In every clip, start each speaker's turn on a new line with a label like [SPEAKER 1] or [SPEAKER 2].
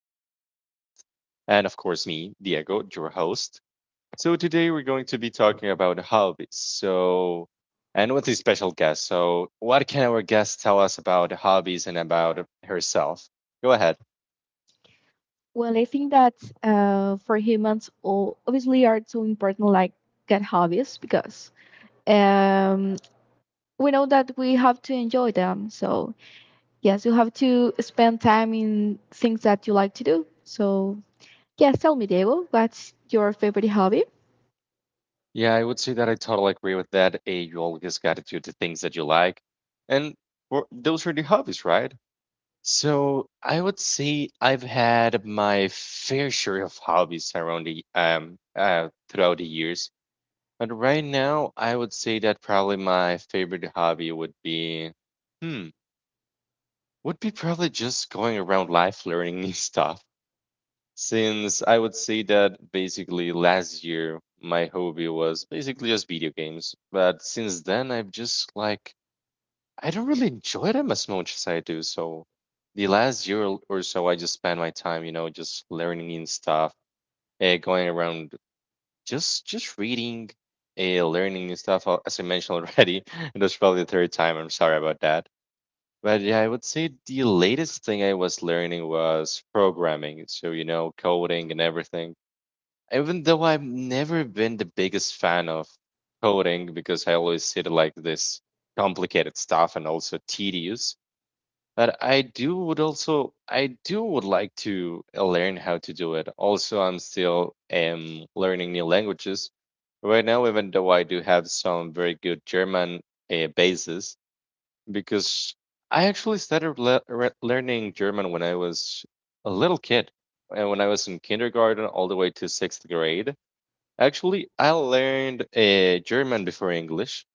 [SPEAKER 1] special guest, and of course, me, Diego, your host. So, today we're going to be talking about hobbies. So, and with a special guest. So, what can our guest tell us about hobbies and about herself? Go ahead.
[SPEAKER 2] Well, I think that for humans, all obviously are so important, like get hobbies, because um, we know that we have to enjoy them. So yes, you have to spend time in things that you like to do. So yes, tell me, Diego, what's your favorite hobby?
[SPEAKER 1] Yeah, I would say that I totally agree with that. A, you always got to do the things that you like. And for, those are the hobbies, right? So I would say I've had my fair share of hobbies around the throughout the years. But right now I would say that probably my favorite hobby would be hmm would be probably just going around life learning new stuff. Since I would say that basically last year my hobby was basically just video games. But since then I've just like I don't really enjoy them as much as I do. So the last year or so, I just spent my time, you know, just learning and stuff, going around, just reading, learning and stuff. As I mentioned already, and that's probably the third time. I'm sorry about that. But yeah, I would say the latest thing I was learning was programming. So you know, coding and everything. Even though I've never been the biggest fan of coding because I always see it like this complicated stuff and also tedious but I do would also I do would like to learn how to do it. Also, I'm still learning new languages right now, even though I do have some very good German basis, because I actually started le re learning German when I was a little kid, and when I was in kindergarten all the way to sixth grade. Actually, I learned German before English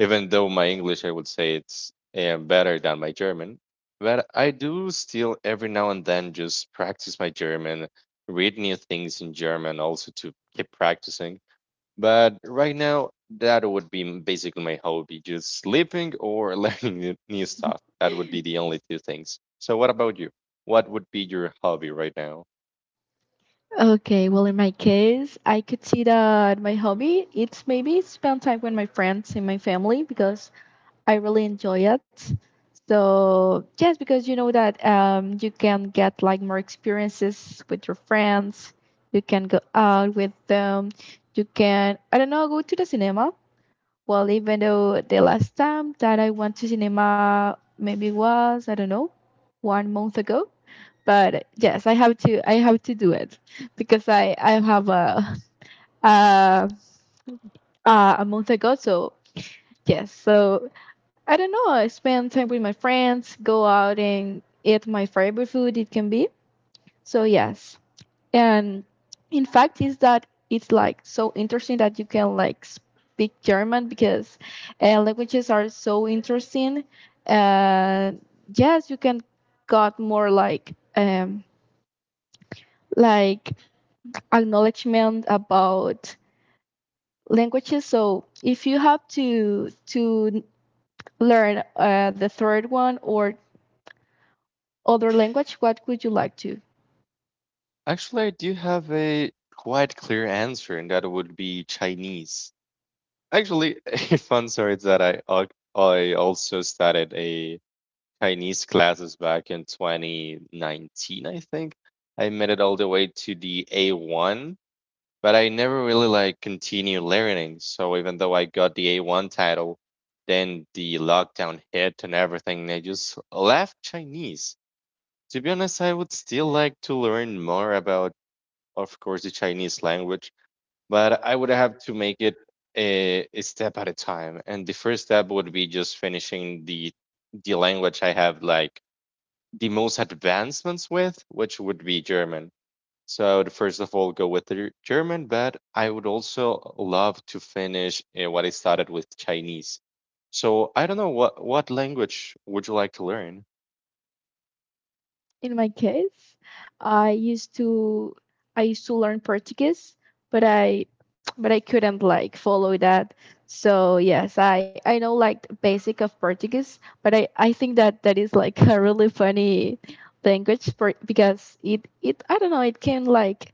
[SPEAKER 1] even though my English, I would say it's better than my German, but I do still every now and then just practice my German, read new things in German also to keep practicing. But right now, that would be basically my hobby, just sleeping or learning new stuff. That would be the only two things. So what about you? What would be your hobby right now?
[SPEAKER 2] Okay, well, in my case, I could see that my hobby it's maybe spend time with my friends and my family because I really enjoy it. So yes, because you know that you can get like more experiences with your friends, you can go out with them, you can I don't know go to the cinema. Well, even though the last time that I went to cinema maybe was I don't know one month ago, but yes, I have to do it because I have a uh, a month ago. So yes, so I don't know. I spend time with my friends, go out and eat my favorite food it can be. So yes. And in fact is that it's like so interesting that you can like speak German because languages are so interesting. Uh, yes, you can got more like acknowledgement about languages. So if you have to learn the third one or other language, what would you like to?
[SPEAKER 1] Actually, I do have a quite clear answer, and that would be Chinese. Actually, a fun story is that I also started a Chinese classes back in 2019, I think. I made it all the way to the A1, but I never really like continued learning. So even though I got the A1 title, then the lockdown hit and everything, and I just left Chinese. To be honest, I would still like to learn more about, of course, the Chinese language but I would have to make it a step at a time. And the first step would be just finishing the language I have like the most advancements with, which would be German. So I would first of all go with the German, but I would also love to finish what I started with Chinese. So I don't know what language would you like to learn?
[SPEAKER 2] In my case, I used to I used to learn Portuguese, but I couldn't like follow that. So yes, I know like the basic of Portuguese, but I think that that is like a really funny language for because it I don't know it can like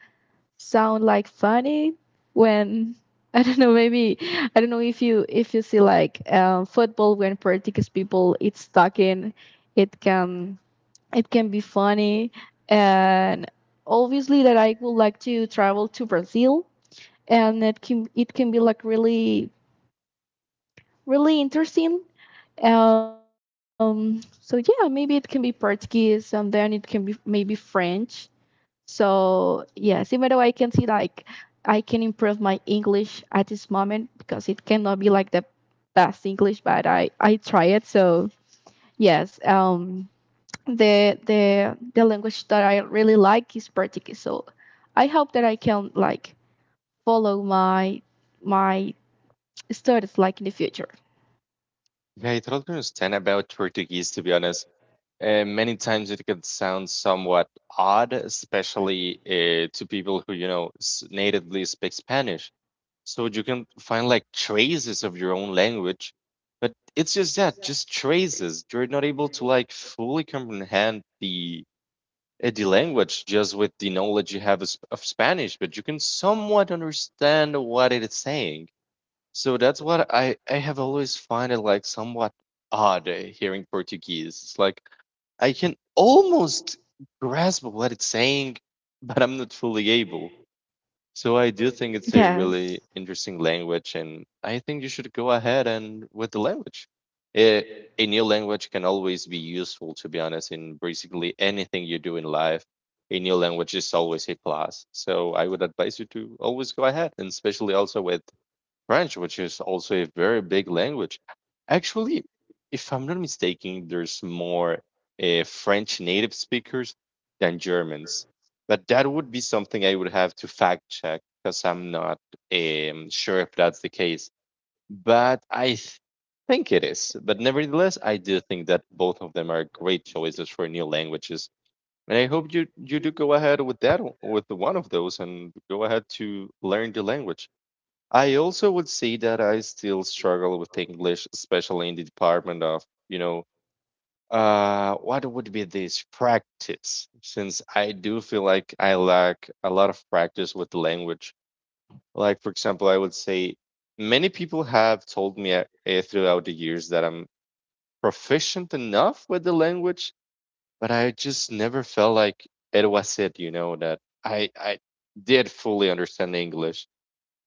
[SPEAKER 2] sound like funny when I don't know maybe I don't know if you see like football when Portuguese people it's stuck in it can it can be funny, and obviously that I would like to travel to Brazil and it can be like really really interesting. So yeah, maybe it can be Portuguese and then it can be maybe French. So yes, even though I can see like I can improve my English at this moment because it cannot be like the best English, but I try it. So yes, the language that I really like is Portuguese. So, I hope that I can like follow my studies like in the future.
[SPEAKER 1] Yeah, I totally understand about Portuguese to be honest. Many times it can sound somewhat odd, especially to people who, you know, natively speak Spanish. So you can find like traces of your own language, but it's just that, just traces. You're not able to like fully comprehend the language just with the knowledge you have of of Spanish, but you can somewhat understand what it is saying. So that's what I have always find it like somewhat odd hearing Portuguese. It's like I can almost grasp what it's saying, but I'm not fully able. So I do think it's a really
[SPEAKER 2] Yes.
[SPEAKER 1] interesting language, and I think you should go ahead and with the language. Eh, a new language can always be useful, to be honest, in basically anything you do in life. A new language is always a plus. So I would advise you to always go ahead, and especially also with French, which is also a very big language. Actually, if I'm not mistaken, there's more French native speakers than Germans. But that would be something I would have to fact check because I'm not sure if that's the case. But I think it is. But nevertheless, I do think that both of them are great choices for new languages. And I hope you do go ahead with that with one of those and go ahead to learn the language. I also would say that I still struggle with English, especially in the department of, you know, what would be this practice? Since I do feel like I lack a lot of practice with the language. Like, for example, I would say many people have told me throughout the years that I'm proficient enough with the language, but I just never felt like it was it, you know, that I did fully understand English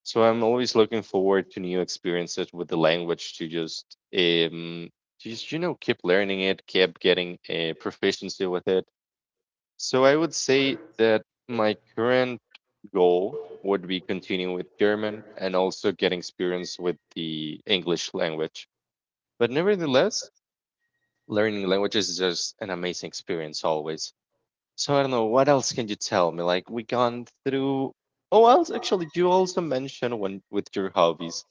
[SPEAKER 1] so I'm always looking forward to new experiences with the language um to just you know keep learning it, keep getting a proficiency with it. So I would say that my current goal would be continuing with German and also getting experience with the English language. But nevertheless, learning languages is just an amazing experience always. So I don't know, what else can you tell me? Like we gone through Oh, else actually, you also mentioned when with your hobbies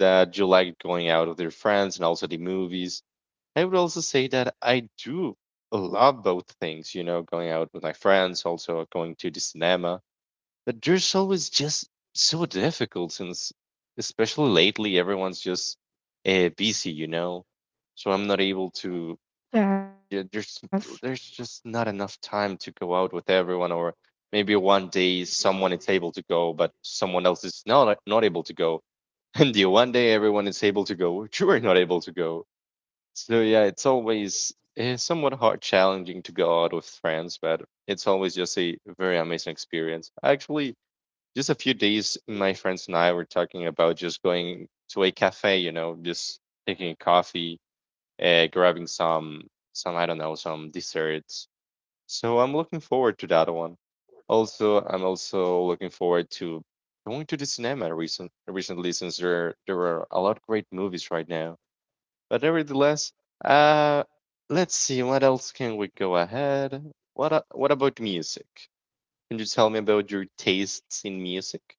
[SPEAKER 1] that you like going out with your friends and also the movies. I would also say that I do love both things, you know, going out with my friends, also going to the cinema. But there's always just so difficult since, especially lately, everyone's just busy, you know. So I'm not able to.
[SPEAKER 2] Yes.
[SPEAKER 1] Yeah, there's just not enough time to go out with everyone, or maybe one day someone is able to go, but someone else is not able to go and the one day everyone is able to go, you are not able to go. So yeah, it's always somewhat hard, challenging to go out with friends, but it's always just a very amazing experience. Actually, just a few days, my friends and I were talking about just going to a cafe. You know, just taking a coffee, grabbing some I don't know some desserts so I'm looking forward to that one. Also, I'm also looking forward to going to the cinema recently since there are a lot of great movies right now. But nevertheless, uh, let's see what else can we go ahead. What what about music? Can you tell me about your tastes in music?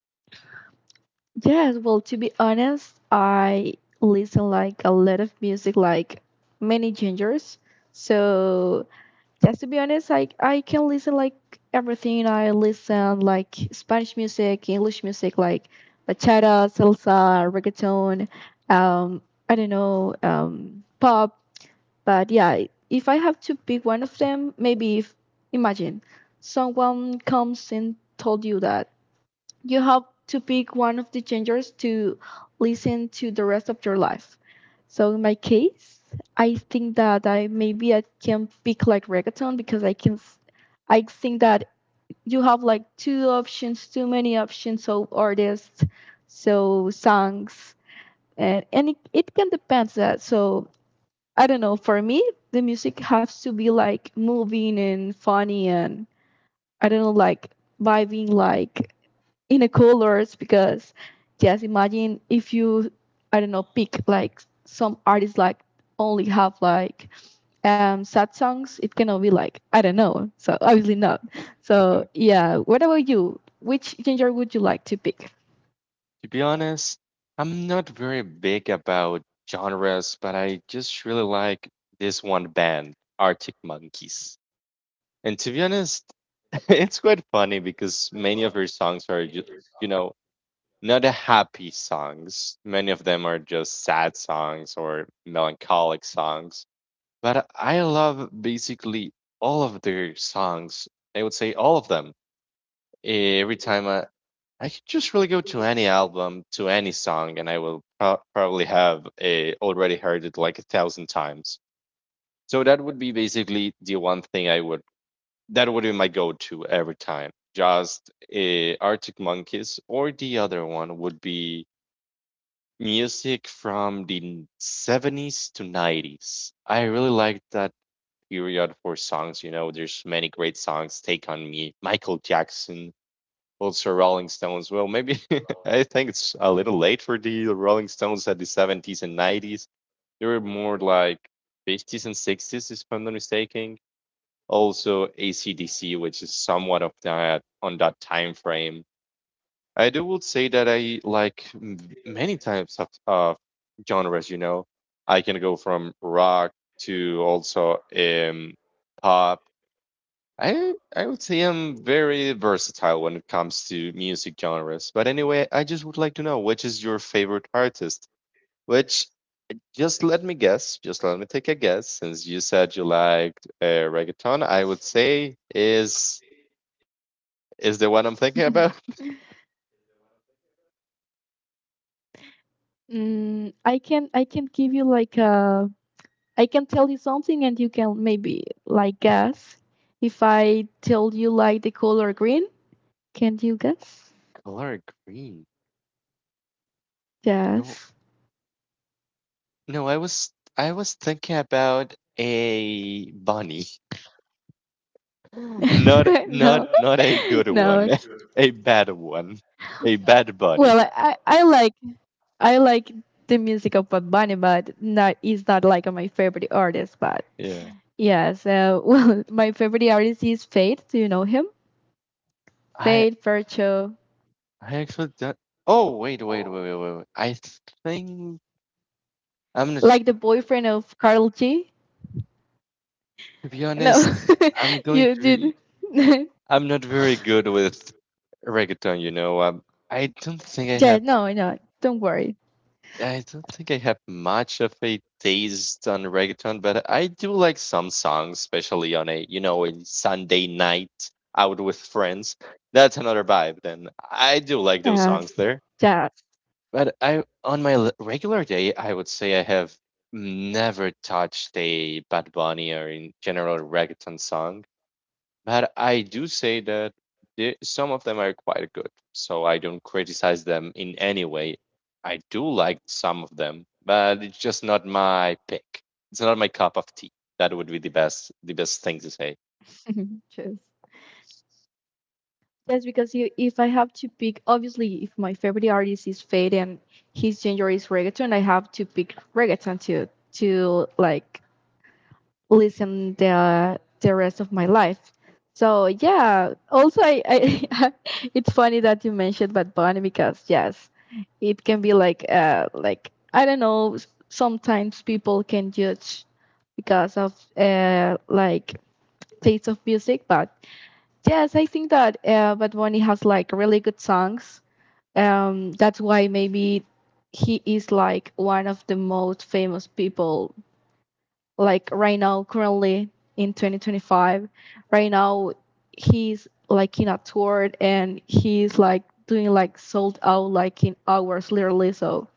[SPEAKER 2] Yes, well, to be honest, I listen like a lot of music, like many genres. So just to be honest, I can listen like everything. I listen like Spanish music, English music, like bachata, salsa, reggaeton. Um, I don't know, pop. But yeah, if I have to pick one of them, maybe if imagine someone comes and told you that. You have to pick one of the genres to listen to the rest of your life. So in my case, I think that I maybe I can pick like reggaeton because I think that you have like two options, too many options of artists, so songs, and it can depend that. So I don't know. For me, the music has to be like moving and funny and I don't know, like vibing, like in the colors, because just imagine if you I don't know pick like some artists like only have like sad songs, it cannot be like I don't know so obviously not. So
[SPEAKER 1] Yeah.
[SPEAKER 2] yeah, what about you, which genre would you like to pick?
[SPEAKER 1] To be honest, I'm not very big about genres, but I just really like this one band, Arctic Monkeys. And to be honest, it's quite funny because many of her songs are just, you know, not a happy songs. Many of them are just sad songs or melancholic songs. But I love basically all of their songs. I would say all of them. Every time I could just really go to any album, to any song, and I will probably have already heard it like a thousand times. So that would be basically the one thing I would that would be my go-to every time. Just Arctic Monkeys, or the other one would be music from the 70s to 90s. I really like that period for songs. You know, there's many great songs. Take on Me, Michael Jackson, also Rolling Stones. Well, maybe I think it's a little late for the Rolling Stones at the 70s and 90s. They were more like 50s and 60s, if I'm not mistaken also AC/DC, which is somewhat of that on that time frame. I do would say that I like many types of genres. You know, I can go from rock to also pop. I would say I'm very versatile when it comes to music genres. But anyway, I just would like to know which is your favorite artist. Which just let me guess. Just let me take a guess. Since you said you liked reggaeton, I would say is the one I'm thinking about?
[SPEAKER 2] I can give you like I can tell you something and you can maybe like guess. If I tell you like the color green, can you guess?
[SPEAKER 1] Color green. No,
[SPEAKER 2] Yes.
[SPEAKER 1] no, I was thinking about a bunny.
[SPEAKER 2] No.
[SPEAKER 1] Not a good one.
[SPEAKER 2] No.
[SPEAKER 1] A bad one. A bad bunny.
[SPEAKER 2] Well, I like the music of Bad Bunny, but not is not like my favorite artist. But
[SPEAKER 1] Yeah.
[SPEAKER 2] yeah, so well, my favorite artist is Fade. Do you know him?
[SPEAKER 1] I
[SPEAKER 2] Fade, Fercho,
[SPEAKER 1] I actually don't Oh, wait, wait, wait, wait, wait. Wait. I think I'm not
[SPEAKER 2] like the boyfriend of Carl G.
[SPEAKER 1] to be
[SPEAKER 2] No,
[SPEAKER 1] honest, I'm going
[SPEAKER 2] you
[SPEAKER 1] to
[SPEAKER 2] did.
[SPEAKER 1] be I'm not very good with reggaeton, you know. I don't think I
[SPEAKER 2] Yeah,
[SPEAKER 1] have
[SPEAKER 2] no, no. Don't worry.
[SPEAKER 1] I don't think I have much of a taste on reggaeton, but I do like some songs, especially on a you know a Sunday night out with friends. That's another vibe. Then I do like those songs
[SPEAKER 2] Yes,
[SPEAKER 1] there.
[SPEAKER 2] yes,
[SPEAKER 1] But I on my l- regular day, I would say I have never touched a Bad Bunny or in general reggaeton song. But I do say that the some of them are quite good, so I don't criticize them in any way. I do like some of them, but it's just not my pick. It's not my cup of tea. That would be the best thing to say.
[SPEAKER 2] yes. Yes, because you, if I have to pick, obviously, if my favorite artist is Fade and his genre is reggaeton, I have to pick reggaeton to like listen the rest of my life. So yeah. Also, I it's funny that you mentioned Bad Bunny because yes, it can be like I don't know. Sometimes people can judge because of like taste of music, but yes, I think that Bad Bunny has like really good songs. That's why maybe he is like one of the most famous people like right now currently in 2025. Right now he's like in a tour and he's like doing like sold out like in hours literally. So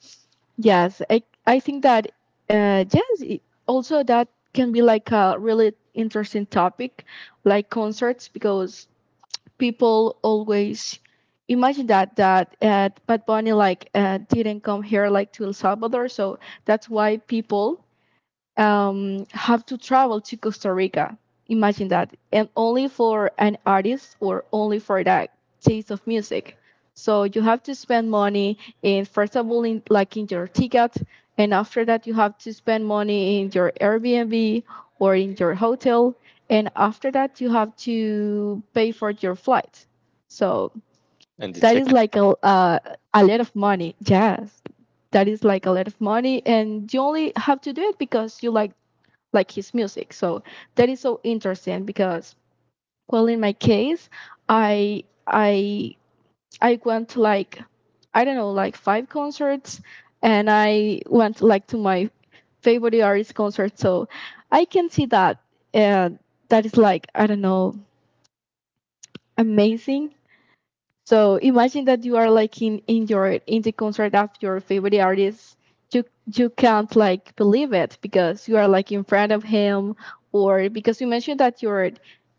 [SPEAKER 2] yes, I think that yes it, also that can be like a really interesting topic like concerts because people always imagine that Bad Bunny like didn't come here like to El Salvador, so that's why people have to travel to Costa Rica. Imagine that. And only for an artist or only for that taste of music. So you have to spend money in, first of all, in like in your ticket, and after that you have to spend money in your Airbnb or in your hotel, and after that you have to pay for your flight. So
[SPEAKER 1] And the
[SPEAKER 2] that is
[SPEAKER 1] ticket,
[SPEAKER 2] like a a lot of money. Yes. That is like a lot of money and you only have to do it because you like his music. So that is so interesting because, well, in my case I I I went to like I don't know like five concerts and I went like to my favorite artist concert, so I can see that uh, that is like I don't know amazing. So imagine that you are like in the concert of your favorite artist. You you can't like believe it because you are like in front of him, or because you mentioned that your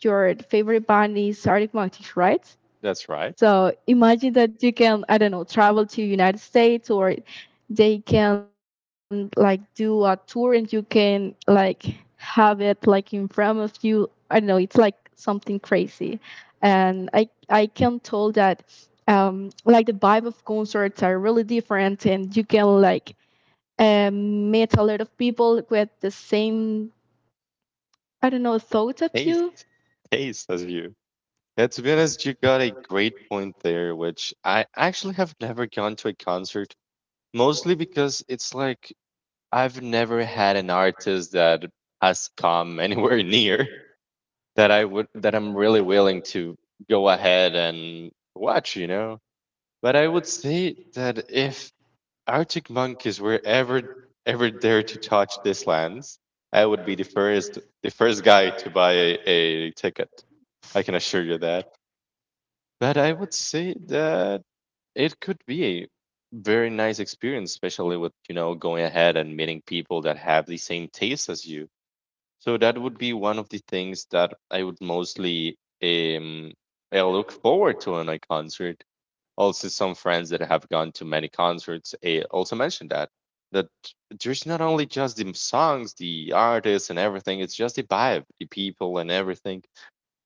[SPEAKER 2] your favorite band is Arctic Monkeys, right?
[SPEAKER 1] that's right.
[SPEAKER 2] So imagine that you can, I don't know, travel to United States, or they can like do a tour and you can like have it like in front of you. I don't know, it's like something crazy. And I can tell that like the vibe of concerts are really different and you can like meet a lot of people with the same I don't know thoughts of
[SPEAKER 1] Taste,
[SPEAKER 2] you.
[SPEAKER 1] taste as you. Yeah, to be honest, you got a great point there, which I actually have never gone to a concert, mostly because it's like I've never had an artist that has come anywhere near that I'm really willing to go ahead and watch. But I would say that if Arctic Monkeys were ever there to touch these lands, I would be the first guy to buy a ticket. I can assure you that. But I would say that it could be a very nice experience, especially with going ahead and meeting people that have the same taste as you. So that would be one of the things that I would mostly I look forward to on a concert. Also, some friends that have gone to many concerts also mentioned that there's not only just the songs, the artists, and everything. It's just the vibe, the people, and everything.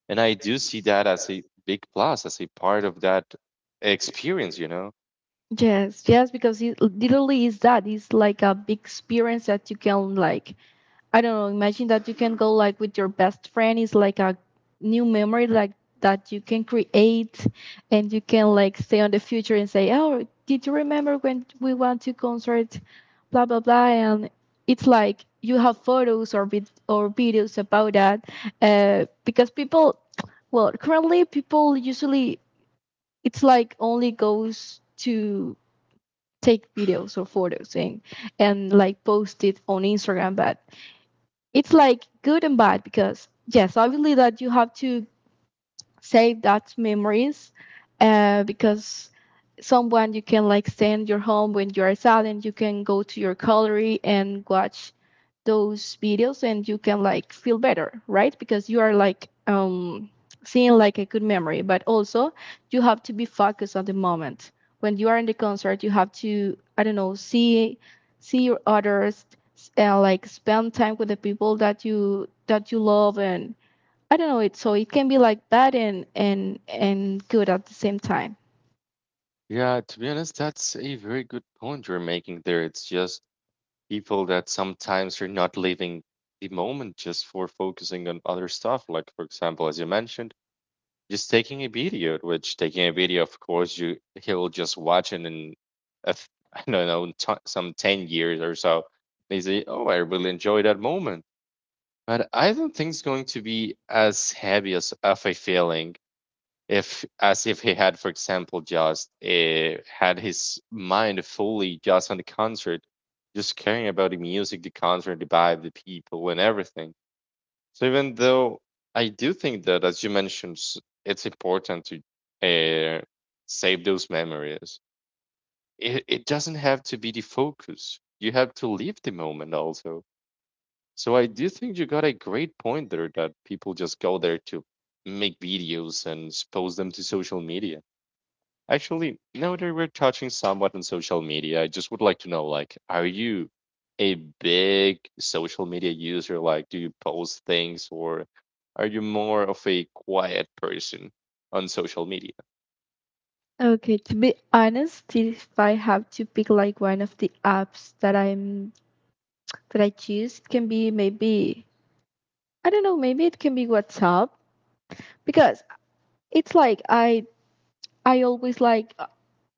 [SPEAKER 1] And I do see that as a big plus, as a part of that experience.
[SPEAKER 2] Yes, yes, because it literally is that. It's like a big experience that you can like I don't know, imagine that you can go like with your best friend. It's like a new memory like that you can create and you can like stay on the future and say, "Oh, did you remember when we went to concert? Blah blah blah," and it's like you have photos or videos about that. Because people, well, currently people usually it's like only goes to take videos or photos, and like post it on Instagram. But it's like good and bad because yes, obviously that you have to save that memories because someone you can like stay in your home when you are sad and you can go to your gallery and watch those videos and you can like feel better, right? Because you are like seeing like a good memory, but also you have to be focused on the moment when you are in the concert. You have to I don't know see your others and like spend time with the people that you love, and I don't know it, so it can be like bad and good at the same time.
[SPEAKER 1] Yeah. To be honest, that's a very good point you're making there. It's just people that sometimes are not living the moment just for focusing on other stuff. Like, for example, as you mentioned, just taking a video, which, taking a video, of course, you he'll just watch it inI don't know, some 10 years or so. They say, oh, I really enjoy that moment. But I don't think it's going to be as heavy as of a feeling if as if he had, for example, just had his mind fully just on the concert, just caring about the music, the concert, the vibe, the people, and everything. So even though I do think that, as you mentioned, it's important to uh, save those memories, it doesn't have to be the focus. You have to live the moment also. So I do think you got a great point there that people just go there to make videos and post them to social media. Actually, now that we're touching somewhat on social media, I just would like to know, like, are you a big social media user? Like, do you post things, or are you more of a quiet person on social media?
[SPEAKER 2] Okay, to be honest, if I have to pick like one of the apps that I choose can be maybe I don't know, maybe it can be WhatsApp because it's like I always like uh,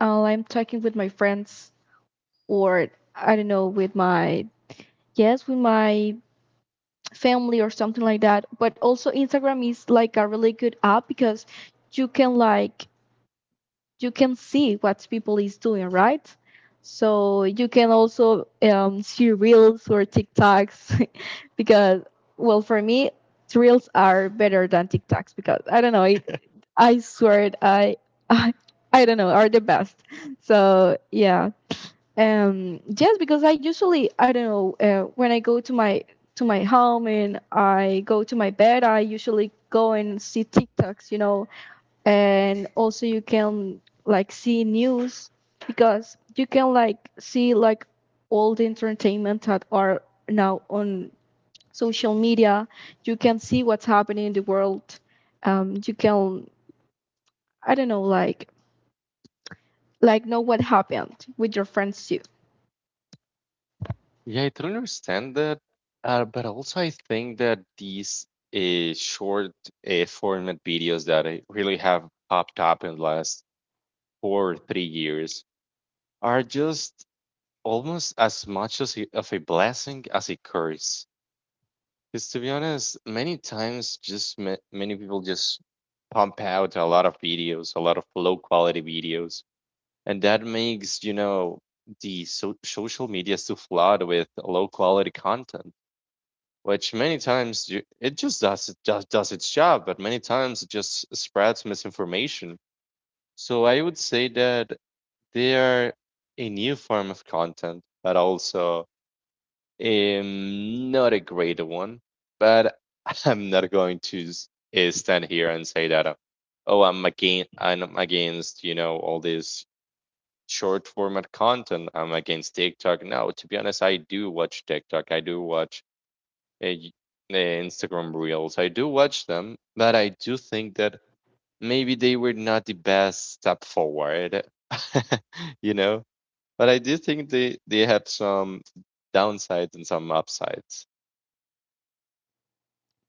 [SPEAKER 2] uh, I'm talking with my friends, or I don't know, with my yes with my family or something like that. But also Instagram is like a really good app because you can like you can see what people is doing, right? So you can also see reels or TikToks because, well, for me, reels are better than TikToks because I don't know. It, I swear it, I, I I don't know are the best. So yeah, yes, because I usually I don't know, when I go to my home and I go to my bed, I usually go and see TikToks, and also you can like see news, because you can like see like all the entertainment that are now on social media. You can see what's happening in the world. You can, I don't know, like know what happened with your friends too.
[SPEAKER 1] Yeah, I don't understand that, but also I think that these short format videos that I really have popped up in the last 4 or 3 years are just almost as much as of a blessing as a curse. Because, to be honest, many times just many people just pump out a lot of videos, a lot of low quality videos, and that makes, the social media so flooded with low quality content, which many times it just does its job, but many times it just spreads misinformation. So I would say that they are a new form of content, but also not a great one, but I'm not going to stand here and say that, oh, I'm against, all this short format content. I'm against TikTok. No, to be honest, I do watch TikTok. I do watch uh, y- Instagram Reels. I do watch them, but I do think that maybe they were not the best step forward. you know. But I do think they have some downsides and some upsides.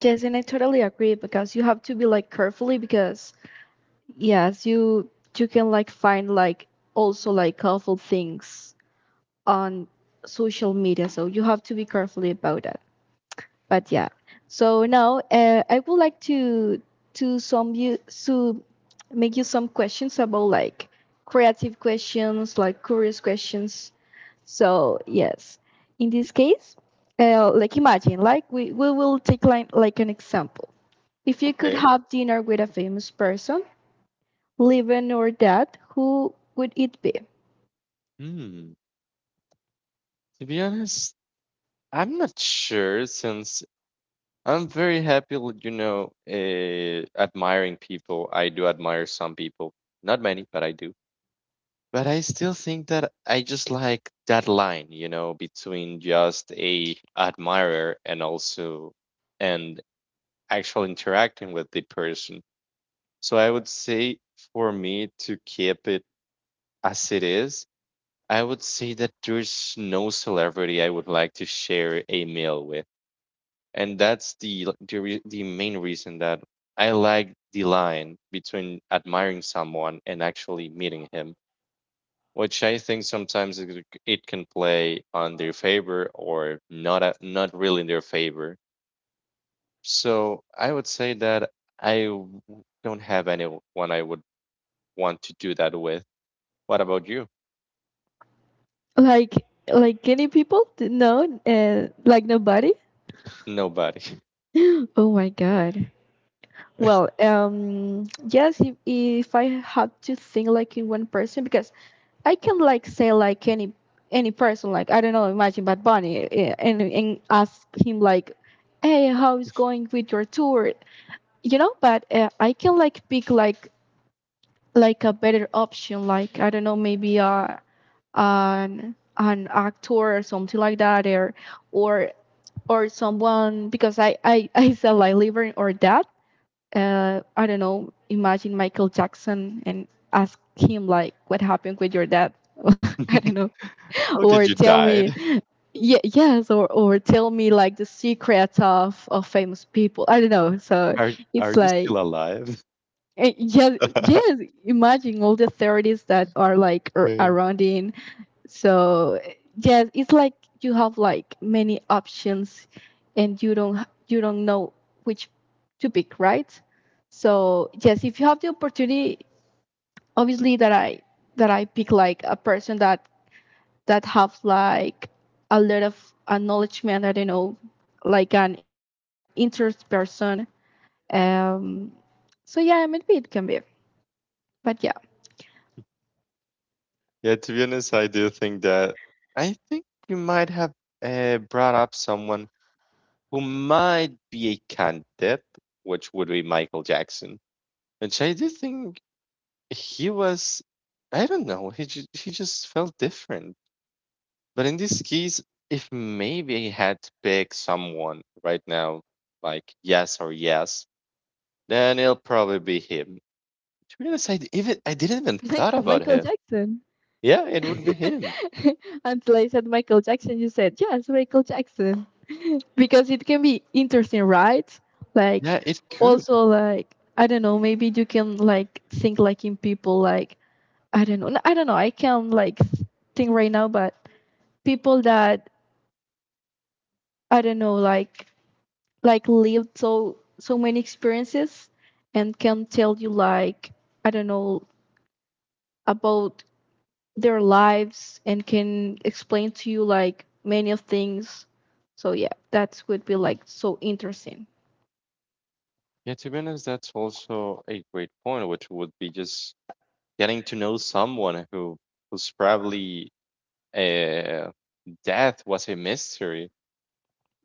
[SPEAKER 2] Yes, and I totally agree, because you have to be like carefully, because yes, you can like find like also like awful things on social media, so you have to be carefully about it. But yeah, so now I would like to some you to make you some questions about like creative questions, like curious questions. So yes, in this case, like imagine, like we will take like an example. If you could
[SPEAKER 1] Okay.
[SPEAKER 2] have dinner with a famous person living or dead, who would it be?
[SPEAKER 1] Hmm. To be honest, I'm not sure, since I'm very happy with, you know, admiring people. I do admire some people, not many, but I do. But I still think that I just like that line, between just a admirer and also, and actual interacting with the person. So I would say, for me to keep it as it is, I would say that there's no celebrity I would like to share a meal with, and that's the main reason that I like the line between admiring someone and actually meeting him, which I think sometimes it can play on their favor or not really in their favor. So I would say that I don't have anyone I would want to do that with. What about you?
[SPEAKER 2] Like any people? No? Like nobody?
[SPEAKER 1] Nobody.
[SPEAKER 2] Oh my god. Well, yes, if I had to think like in one person, because I can like say like any person, like I don't know, imagine Bad Bunny, and ask him, like, hey, how is going with your tour? But I can like pick like a better option. Like I don't know, maybe an actor or something like that, or or someone, because I I said like liver or that, I don't know, imagine Michael Jackson and ask him like what happened with your dad. I don't know,
[SPEAKER 1] How
[SPEAKER 2] or
[SPEAKER 1] did you
[SPEAKER 2] tell
[SPEAKER 1] die?
[SPEAKER 2] me, yeah, yes, or tell me like the secrets of famous people. I don't know. So
[SPEAKER 1] Are
[SPEAKER 2] it's
[SPEAKER 1] you
[SPEAKER 2] like.
[SPEAKER 1] still alive?
[SPEAKER 2] Yes, yes. Imaging all the theories that are like
[SPEAKER 1] I mean,
[SPEAKER 2] around in, so yes, it's like you have like many options, and you don't you don't know which to pick, right? So yes, if you have the opportunity, obviously that I pick like a person that have like a lot of acknowledgement, I don't know, like an interest person. um so yeah, maybe it can be, but yeah,
[SPEAKER 1] yeah, to be honest, I do think that I think you might have brought up someone who might be a candidate, which would be Michael Jackson, which I do think he was. I don't know. He just felt different. But in this case, if maybe I had to pick someone right now, like yes or yes, then it'll probably be him. To be honest, even I didn't even
[SPEAKER 2] like
[SPEAKER 1] thought about
[SPEAKER 2] Michael
[SPEAKER 1] him.
[SPEAKER 2] Jackson.
[SPEAKER 1] Yeah, it would be him.
[SPEAKER 2] Until I said Michael Jackson, you said, yes, Michael Jackson. Because it can be interesting, right? Like,
[SPEAKER 1] Yeah, it could.
[SPEAKER 2] also, like, I don't know, maybe you can, like, think, like, in people, like, I don't know, I don't know, I can, not like, think right now, but people that, I don't know, lived so many experiences, and can tell you, like, I don't know, about their lives, and can explain to you like many of things. So yeah, that would be like so interesting.
[SPEAKER 1] Yeah, to be honest, that's also a great point, which would be just getting to know someone who's probably uh, death was a mystery.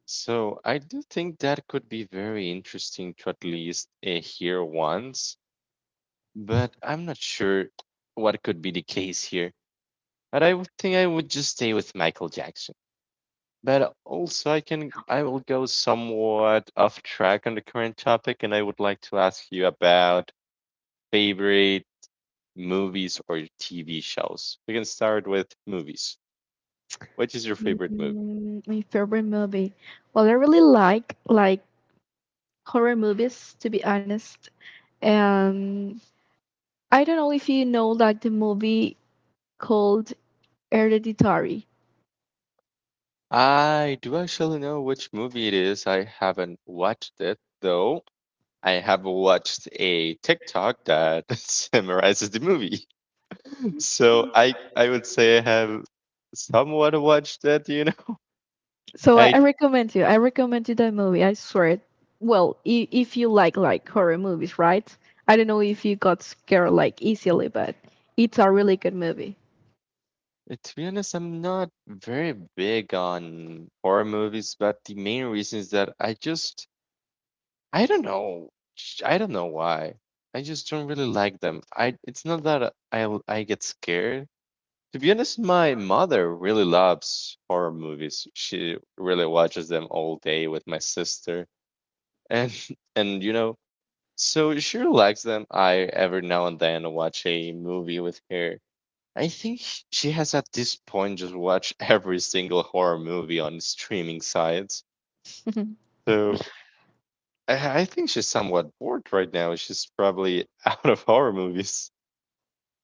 [SPEAKER 1] So I do think that could be very interesting to at least hear once, but I'm not sure what could be the case here. But I would think I would just stay with Michael Jackson. But also, I will go somewhat off track on the current topic, and I would like to ask you about favorite movies or TV shows. We can start with movies. Which is your favorite movie?
[SPEAKER 2] My favorite movie. Well, I really like horror movies, to be honest. Um, I don't know if you know like the movie called Hereditary.
[SPEAKER 1] I do actually know which movie it is. I haven't watched it though. I have watched a TikTok that summarizes the movie. So I would say I have somewhat watched it.
[SPEAKER 2] So I,
[SPEAKER 1] I
[SPEAKER 2] I recommend you. I recommend you that movie. I swear it. Well, if you like horror movies, right? I don't know if you got scared like easily, but it's a really good movie.
[SPEAKER 1] to be honest, I'm not very big on horror movies, but the main reason is that I don't know. I don't know why. I just don't really like them. I it's not that I get scared. To be honest, my mother really loves horror movies. She really watches them all day with my sister. And and so she really likes them. I every now and then watch a movie with her. I think she has at this point just watched every single horror movie on streaming sites. So I think she's somewhat bored right now. She's probably out of horror movies.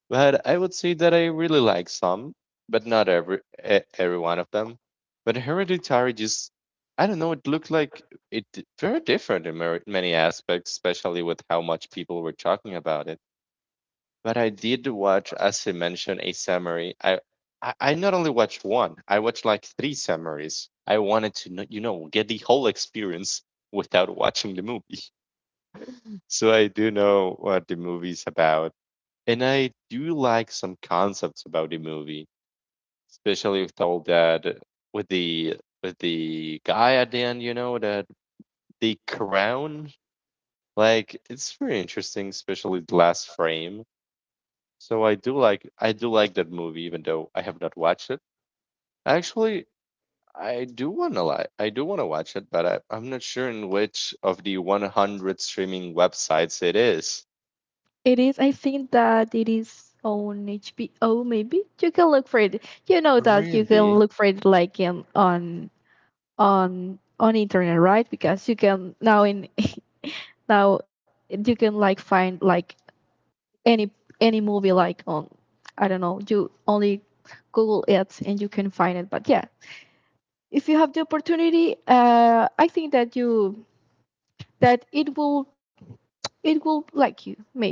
[SPEAKER 1] But I would say that I really like some, but not every one of them. But Hereditary, just, I don't know, it looked like very different in many aspects, especially with how much people were talking about it. But I did watch, as you mentioned, a summary. I not only watched one, I watched like three summaries. I wanted to, get the whole experience without watching the movie. So I do know what the movie's about. And I do like some concepts about the movie, especially with all that, with the guy at the end, that the crown. Like, it's very interesting, especially the last frame. So I do like that movie, even though I have not watched it. Actually, I do wanna watch it, but I'm not sure in which of the 100 streaming websites it is.
[SPEAKER 2] It is. I think that it is on HBO. Maybe you can look for it. You know that you can
[SPEAKER 1] Really?
[SPEAKER 2] look for it like in on internet, right? Because you can now in now you can like find like any any movie like on, I don't know, you only Google it and you can find it. But yeah, if you have the opportunity, I think that it will like you maybe.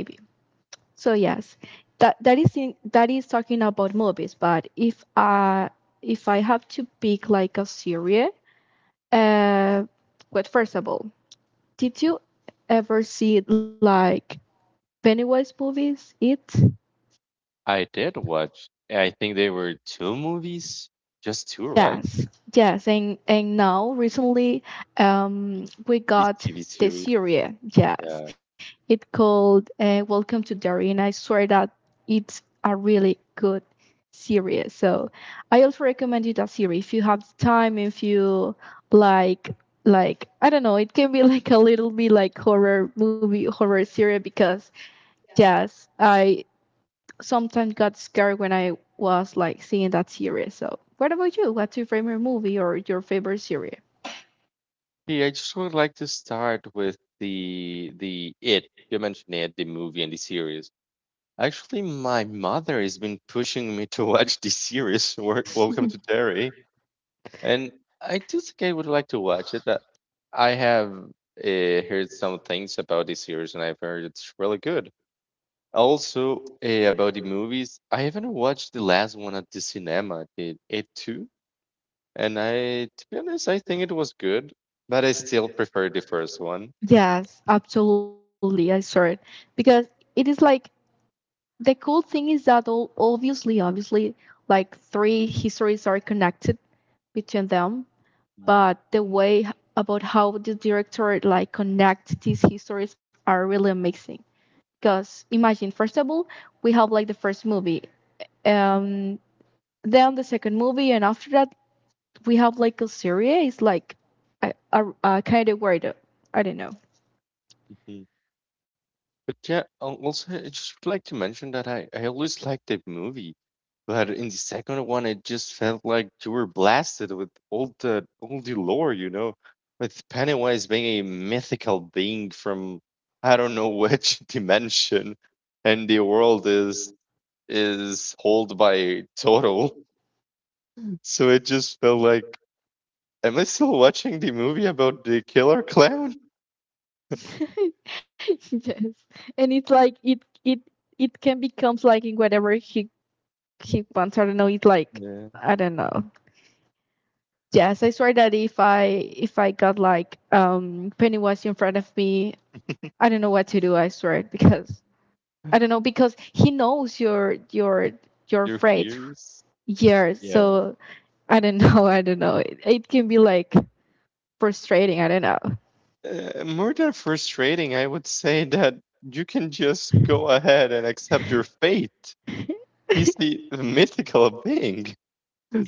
[SPEAKER 2] So yes, that is talking about movies. But if I have to pick like a series, uh, but first of all, did you ever see like Pennywise movies? It
[SPEAKER 1] I did watch. I think there were two movies, just two, right?
[SPEAKER 2] Yes, yes, and now recently, we
[SPEAKER 1] The
[SPEAKER 2] got
[SPEAKER 1] TV
[SPEAKER 2] the
[SPEAKER 1] series.
[SPEAKER 2] series. Yes,
[SPEAKER 1] Yeah.
[SPEAKER 2] it called "Welcome to Derry," and I swear that it's a really good series. So I also recommend you that series if you have the time, if you like, I don't know, it can be like a little bit like horror movie, horror series, because yes, I sometimes got scared when I was like seeing that series. So, what about you? What's your favorite movie or your favorite series?
[SPEAKER 1] Hey, I just would like to start with the It. You mentioned it, the movie and the series. Actually, my mother has been pushing me to watch the series. Welcome to Terry, and I do think I would like to watch it. I have heard some things about the series, and I've heard it's really good. Also, about the movies, I haven't watched the last one at the cinema, the It too, and to be honest, I think it was good, but I still prefer the first one.
[SPEAKER 2] Yes, absolutely. I saw it, because it is like the cool thing is that all obviously, like three histories are connected between them, but the way about how the director like connect these histories are really amazing. Because imagine, first of all, we have like the first movie, um, then the second movie, and after that we have like Algeria is like a kind of weirdo. I don't know.
[SPEAKER 1] Mhm. But yeah, also I just would like to mention that I always liked the movie, but in the second one, it just felt like you were blasted with all the lore, with Pennywise being a mythical being from I don't know which dimension, and the world is told by Toro. So it just felt like, am I still watching the movie about the killer clown?
[SPEAKER 2] Yes, and it's like it it can becomes like in whatever he wants. I don't know. It's like
[SPEAKER 1] Yeah.
[SPEAKER 2] I don't know. Yes, I swear that if I got like Pennywise in front of me, I don't know what to do. I swear it, because I don't know, because he knows your
[SPEAKER 1] Your
[SPEAKER 2] afraid.
[SPEAKER 1] fears?
[SPEAKER 2] Yeah,
[SPEAKER 1] Yeah.
[SPEAKER 2] so I don't know. I don't know. It can be like frustrating. I don't know.
[SPEAKER 1] More than frustrating, I would say that you can just go ahead and accept your fate. He's the mythical being.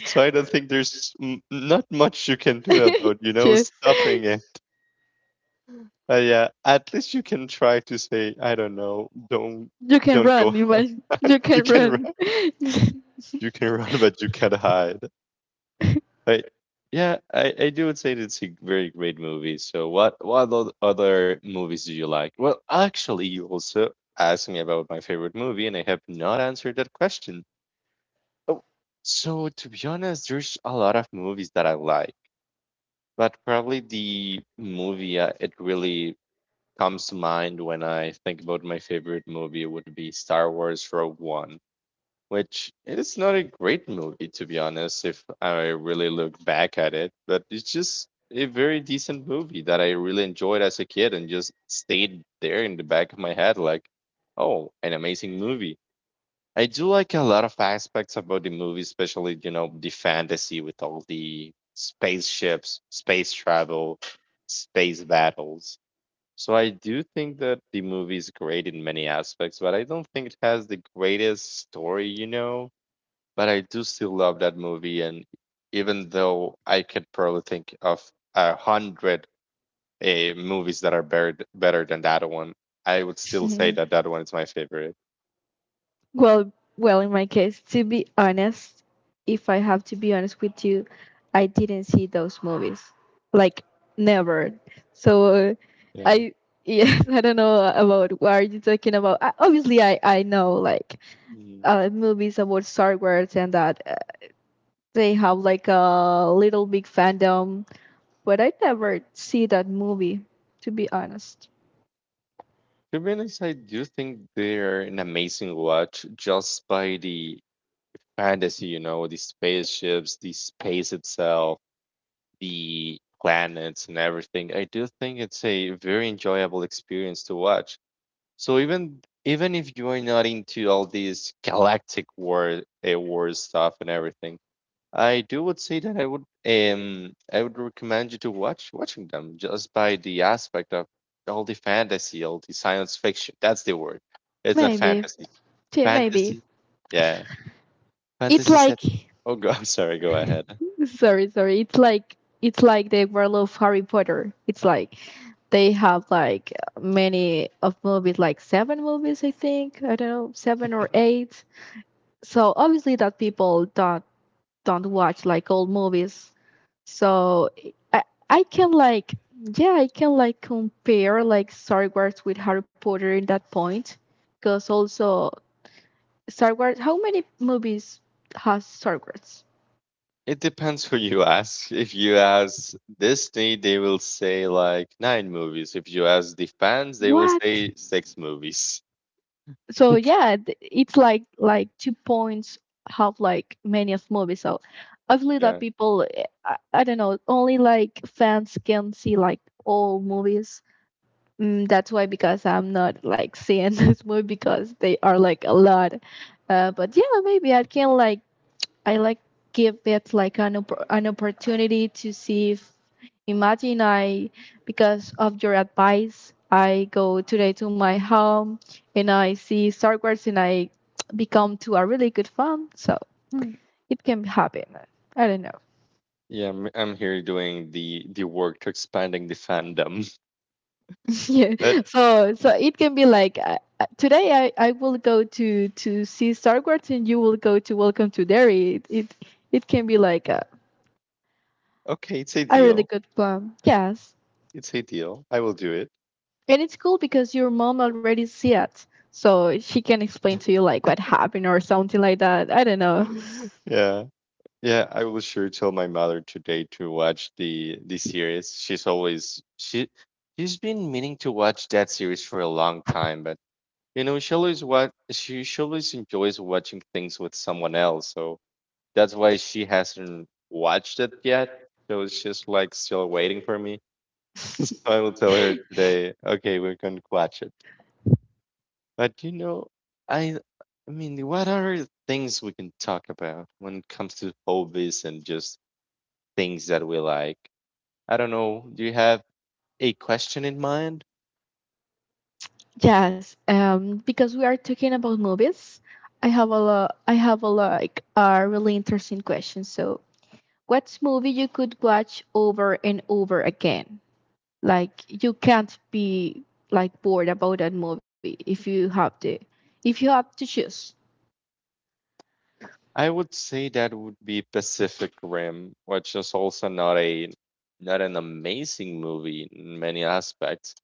[SPEAKER 1] So I don't think there's not much you can do about
[SPEAKER 2] Just,
[SPEAKER 1] stopping it. Yeah, at least you can try to say, I don't know, don't
[SPEAKER 2] you can
[SPEAKER 1] don't
[SPEAKER 2] run.
[SPEAKER 1] go.
[SPEAKER 2] You must. You
[SPEAKER 1] You
[SPEAKER 2] can
[SPEAKER 1] can
[SPEAKER 2] run.
[SPEAKER 1] You can run, but you can't hide. Right. Yeah, I do would say that it's a very great movie. So what other movies do you like? Well, actually, you also asked me about my favorite movie, and I have not answered that question. Oh, so to be honest, there's a lot of movies that I like, but probably the movie it really comes to mind when I think about my favorite movie would be Star Wars Rogue One, which, it's not a great movie, to be honest, if I really look back at it, but it's just a very decent movie that I really enjoyed as a kid and just stayed there in the back of my head like, oh, an amazing movie. I do like a lot of aspects about the movie, especially, you know, the fantasy with all the spaceships, space travel, space battles. So I do think that the movie is great in many aspects, but I don't think it has the greatest story but I do still love that movie. And even though I could probably think of 100 movies that are better than that one, I would still say that that one is my favorite.
[SPEAKER 2] well, well, in my case, to be honest, if I have to be honest with you, I didn't see those movies, like never. So
[SPEAKER 1] Yeah.
[SPEAKER 2] I yes, I don't know about what are you talking about. I, obviously, I know like
[SPEAKER 1] Mm.
[SPEAKER 2] movies about Star Wars, and that they have like a little big fandom. But I never see that movie, to be honest.
[SPEAKER 1] To be honest, I do think they're an amazing watch just by the fantasy the spaceships, the space itself, the planets, and everything. I do think it's a very enjoyable experience to watch. So even if you are not into all these galactic war stuff and everything, I do would say that I would recommend you to watching them just by the aspect of all the fantasy, all the science fiction. That's the word. It's not
[SPEAKER 2] Maybe.
[SPEAKER 1] fantasy.
[SPEAKER 2] Maybe.
[SPEAKER 1] Fantasy, yeah,
[SPEAKER 2] It's
[SPEAKER 1] fantasy is.
[SPEAKER 2] like
[SPEAKER 1] Oh God, sorry. Go ahead.
[SPEAKER 2] Sorry, sorry. It's like the world of Harry Potter. It's like they have like many of movies, like seven movies, I think. I don't know, seven or eight. So obviously that people don't watch like old movies. So I I can like yeah I can like compare like Star Wars with Harry Potter in that point, because also Star Wars. How many movies has Star Wars?
[SPEAKER 1] It depends who you ask. If you ask Disney, they will say like nine movies. If you ask the fans, they will
[SPEAKER 2] What?
[SPEAKER 1] say six movies.
[SPEAKER 2] So yeah, it's like two points have like many of movies. So obviously that
[SPEAKER 1] Yeah.
[SPEAKER 2] people, I don't know, only like fans can see like all movies. That's why, because I'm not like seeing this movie, because they are like a lot. But yeah, maybe I like give it like an an opportunity to see if, imagine I, because of your advice, I go today to my home and I see Star Wars, and I become to a really good fan, so
[SPEAKER 1] Hmm.
[SPEAKER 2] it can happen, I don't know.
[SPEAKER 1] Yeah, I'm here doing the work to expanding the fandom.
[SPEAKER 2] Yeah,
[SPEAKER 1] But
[SPEAKER 2] so it can be like today I will go to see Star Wars, and you will go to Welcome to Derry. It can be like
[SPEAKER 1] okay, it's a
[SPEAKER 2] a really
[SPEAKER 1] deal.
[SPEAKER 2] good plan, yes.
[SPEAKER 1] It's a deal. I will do it.
[SPEAKER 2] And it's cool because your mom already see it. So she can explain to you like what happened or something like that. I don't know.
[SPEAKER 1] Yeah. Yeah, I will sure tell my mother today to watch the series. She's always she she's been meaning to watch that series for a long time, but she always enjoys watching things with someone else. So that's why she hasn't watched it yet. So it's just like still waiting for me. So I will tell her today, okay, we're going to watch it. But I I mean, what are things we can talk about when it comes to hobbies and just things that we like? I don't know. Do you have a question in mind?
[SPEAKER 2] Yes. Because we are talking about movies, I have a lot I have a like a really interesting question. So what's movie you could watch over and over again? Like you can't be like bored about that movie if you have to choose.
[SPEAKER 1] I would say that would be Pacific Rim, which is also not a not an amazing movie in many aspects,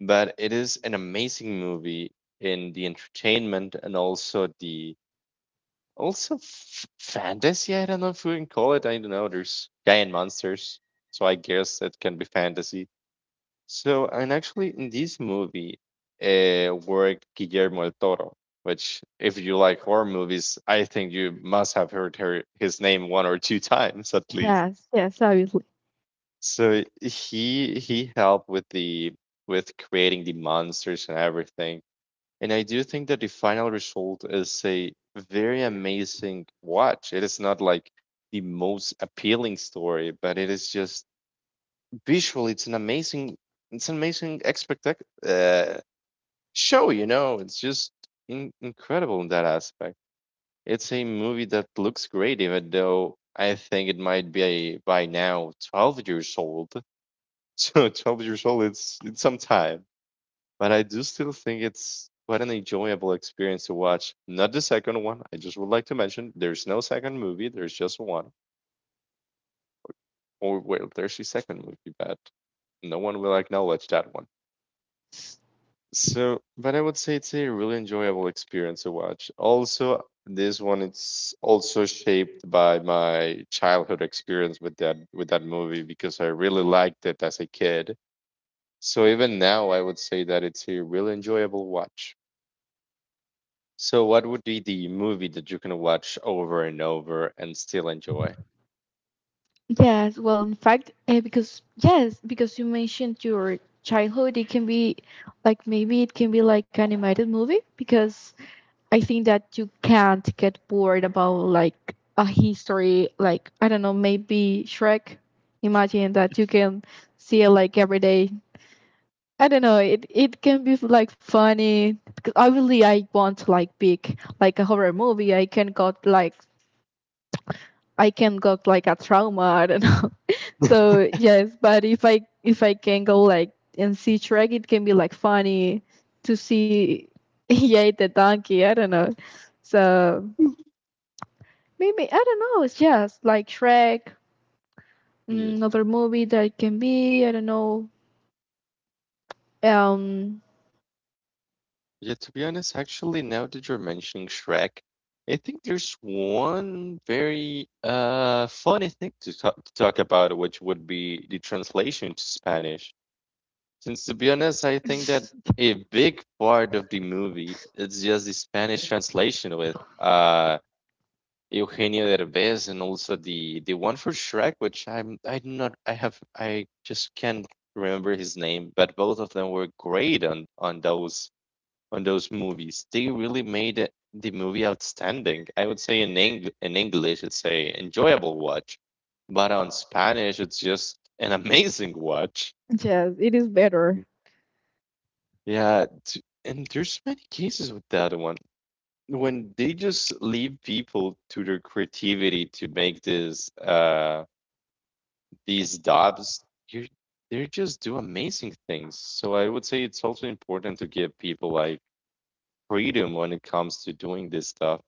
[SPEAKER 1] but it is an amazing movie in the entertainment and also the Also, fantasy. I don't know if we can call it. I don't know. There's giant monsters, so I guess it can be fantasy. So, and actually, in this movie, worked Guillermo del Toro, which, if you like horror movies, I think you must have heard her, his name one or two times at least.
[SPEAKER 2] Yes, yes, obviously.
[SPEAKER 1] So he helped with creating the monsters and everything. And I do think that the final result is a very amazing watch. It is not like the most appealing story, but it is just visually, it's an amazing expect show. It's just incredible in that aspect. It's a movie that looks great, even though I think it might be by now 12 years old. So 12 years old, it's some time. But I do still think it's quite an enjoyable experience to watch. Not the second one. I just would like to mention there's no second movie. There's just one. Or well, there's a second movie, but no one will acknowledge that one. So, but I would say it's a really enjoyable experience to watch. Also, this one it's also shaped by my childhood experience with that movie because I really liked it as a kid. So even now, I would say that it's a really enjoyable watch. So, what would be the movie that you can watch over and over and still enjoy?
[SPEAKER 2] Yes, well, in fact, because yes, because you mentioned your childhood, it can be like maybe it can be like animated movie, because I think that you can't get bored about like a history, like I don't know, maybe Shrek. Imagine that you can see it like every day. I don't know, it can be like funny, because obviously I want like big like a horror movie. I can got like I can got like a trauma. I don't know. So yes, but if I can go like and see Shrek, it can be like funny to see Yay the donkey. I don't know. So
[SPEAKER 1] Mm.
[SPEAKER 2] maybe I don't know. It's just like Shrek,
[SPEAKER 1] Yeah.
[SPEAKER 2] another movie that can be. I don't know. Um,
[SPEAKER 1] Yeah, to be honest, actually, now that you're mentioning Shrek, I think there's one very funny thing to talk about, which would be the translation to Spanish. Since to be honest, I think that
[SPEAKER 2] yes,
[SPEAKER 1] a big part of the movie is just the Spanish translation with Eugenio Derbez and also the one for Shrek, which I'm I do not I have I just can't remember his name, but both of them were great on those movies. They really made it, the movie outstanding. I would say in English, it's a enjoyable watch, but on Spanish, it's just an amazing watch.
[SPEAKER 2] it is better.
[SPEAKER 1] Yeah, and there's many cases with that one when they just leave people to their creativity to make this these dobs, you they just do amazing things. So I would say it's also important to give people like freedom when it comes to doing this stuff.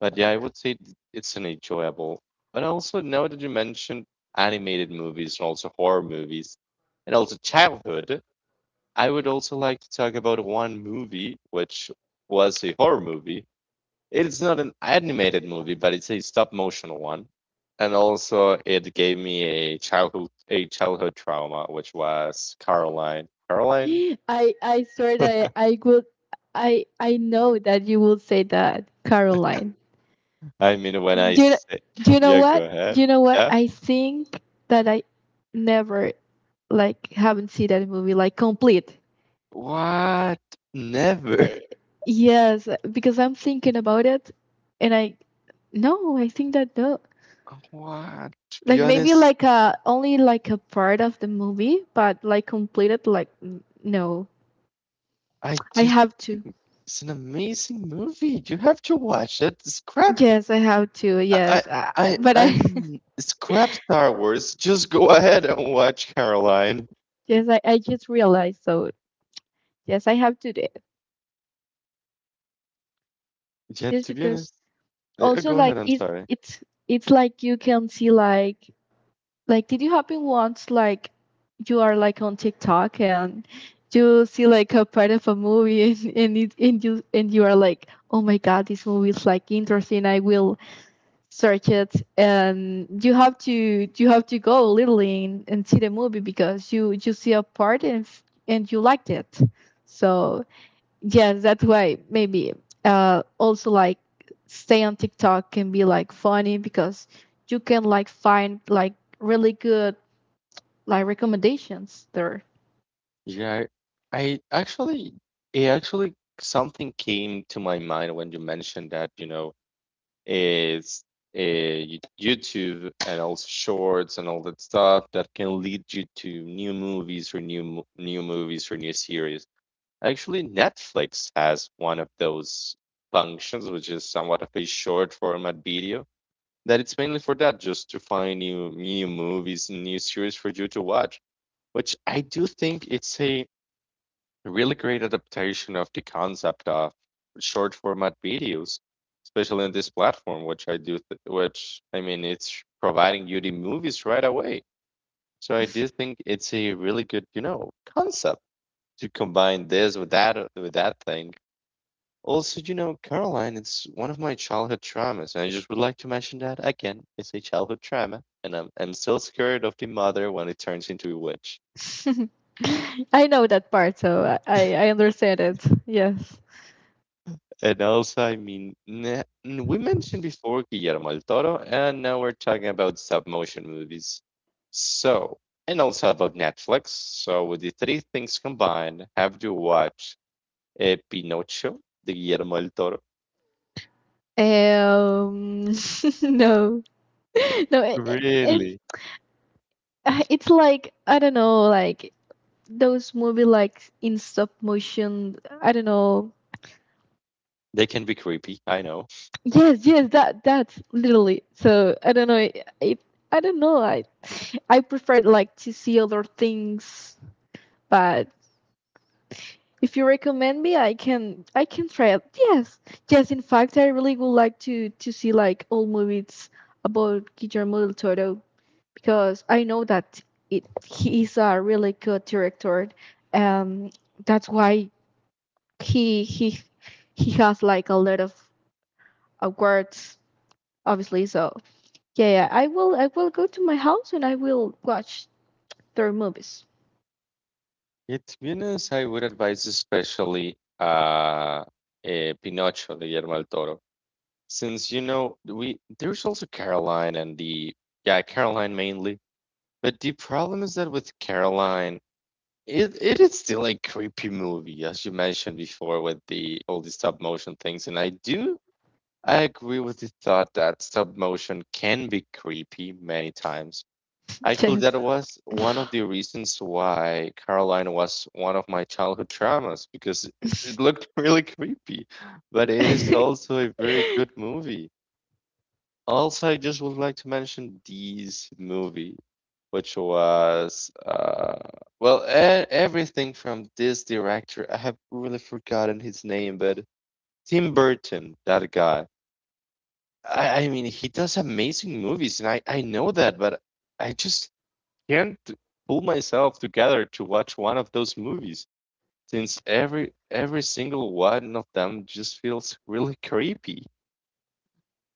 [SPEAKER 1] But yeah, I would say it's an enjoyable. But also now that you mentioned animated movies and also horror movies and also childhood, I would also like to talk about one movie which was a horror movie, it's not an animated movie, but it's a stop motion one. And also it gave me a childhood trauma, which was Caroline. Caroline?
[SPEAKER 2] I swear that I would. I know that you will say that, Caroline.
[SPEAKER 1] I mean when
[SPEAKER 2] Do
[SPEAKER 1] I
[SPEAKER 2] you, kn-
[SPEAKER 1] say.
[SPEAKER 2] do you know
[SPEAKER 1] Yeah, go
[SPEAKER 2] what? Do
[SPEAKER 1] ahead.
[SPEAKER 2] you know what?
[SPEAKER 1] Yeah.
[SPEAKER 2] I think that I never like haven't seen that movie like complete.
[SPEAKER 1] What? Never.
[SPEAKER 2] Uh, Yes, because I'm thinking about it, and I no, I think that no,
[SPEAKER 1] What? To be
[SPEAKER 2] like maybe
[SPEAKER 1] honest,
[SPEAKER 2] like a only like a part of the movie, but like completed like no.
[SPEAKER 1] I
[SPEAKER 2] I
[SPEAKER 1] do
[SPEAKER 2] have to.
[SPEAKER 1] think it's an amazing movie. You have to watch it. Scrap,
[SPEAKER 2] Yes, I have to.
[SPEAKER 1] I
[SPEAKER 2] Yes,
[SPEAKER 1] I I
[SPEAKER 2] but
[SPEAKER 1] I
[SPEAKER 2] I,
[SPEAKER 1] mean, scrap Star Wars. Just go ahead and watch Caroline.
[SPEAKER 2] yes, I just realized so. Yes, I have to do it
[SPEAKER 1] Yeah,
[SPEAKER 2] just
[SPEAKER 1] to be
[SPEAKER 2] because.
[SPEAKER 1] honest.
[SPEAKER 2] Also,
[SPEAKER 1] Go ahead.
[SPEAKER 2] like
[SPEAKER 1] I'm sorry.
[SPEAKER 2] it's it's like you can see, like, did you happen once like you are like on TikTok and you see like a part of a movie and you and you are like, oh my god, this movie is like interesting, I will search it, and you have to, go literally and see the movie because you see a part and and you liked it. So yes, that's why maybe also like stay on TikTok can be like funny because you can like find like really good like recommendations there.
[SPEAKER 1] Yeah, I actually, it actually something came to my mind when you mentioned that is YouTube and also shorts and all that stuff that can lead you to new movies or new new movies or new series. Actually, Netflix has one of those functions, which is somewhat of a short format video. That it's mainly for that, just to find new movies and new series for you to watch, which I do think it's a really great adaptation of the concept of short format videos, especially on this platform, which which I mean, it's providing you the movies right away. So I do think it's a really good concept to combine this with that thing. Also Caroline, it's one of my childhood traumas, and I just would like to mention that again. It's a childhood trauma, and I'm still scared of the mother when it turns into a witch.
[SPEAKER 2] I know that part, so I I understand it. Yes,
[SPEAKER 1] And also, I mean, we mentioned before Guillermo del Toro, and now we're talking about stop motion movies. So, and also about Netflix. So, with the three things combined, have to watch Pinocchio, the Guillermo del Toro.
[SPEAKER 2] um no, no, it it and
[SPEAKER 1] Really,
[SPEAKER 2] it's like I don't know, like those movie like in stop motion, I don't know.
[SPEAKER 1] they can be creepy. I know.
[SPEAKER 2] Yes, yes, that's literally. So I don't know. It, I don't know. I prefer like to see other things, but if you recommend me, I can try it. Yes, yes. In fact, I really would like to see like old movies about Guillermo del Toro, because I know that it he is a really good director. Um, that's why he he has like a lot of awards, obviously. So yeah, yeah, I will go to my house and I will watch their movies.
[SPEAKER 1] Yeah, to be honest, I would advise especially Pinocchio, the Guillermo del Toro, since you know we there's also Caroline and the yeah, Caroline mainly. But the problem is that with Caroline, it is still a creepy movie, as you mentioned before, with the all the stop motion things. And I agree with the thought that stop motion can be creepy many times. Actually, that was one of the reasons why Caroline was one of my childhood traumas because it
[SPEAKER 2] Yes.
[SPEAKER 1] looked really creepy. But it is also a very good movie. Also, I just would like to mention this movie, which was well, everything from this director. I have really forgotten his name, but Tim Burton, that guy. I mean, he does amazing movies, and I know that, but I just can't pull myself together to watch one of those movies since every single one of them just feels really creepy.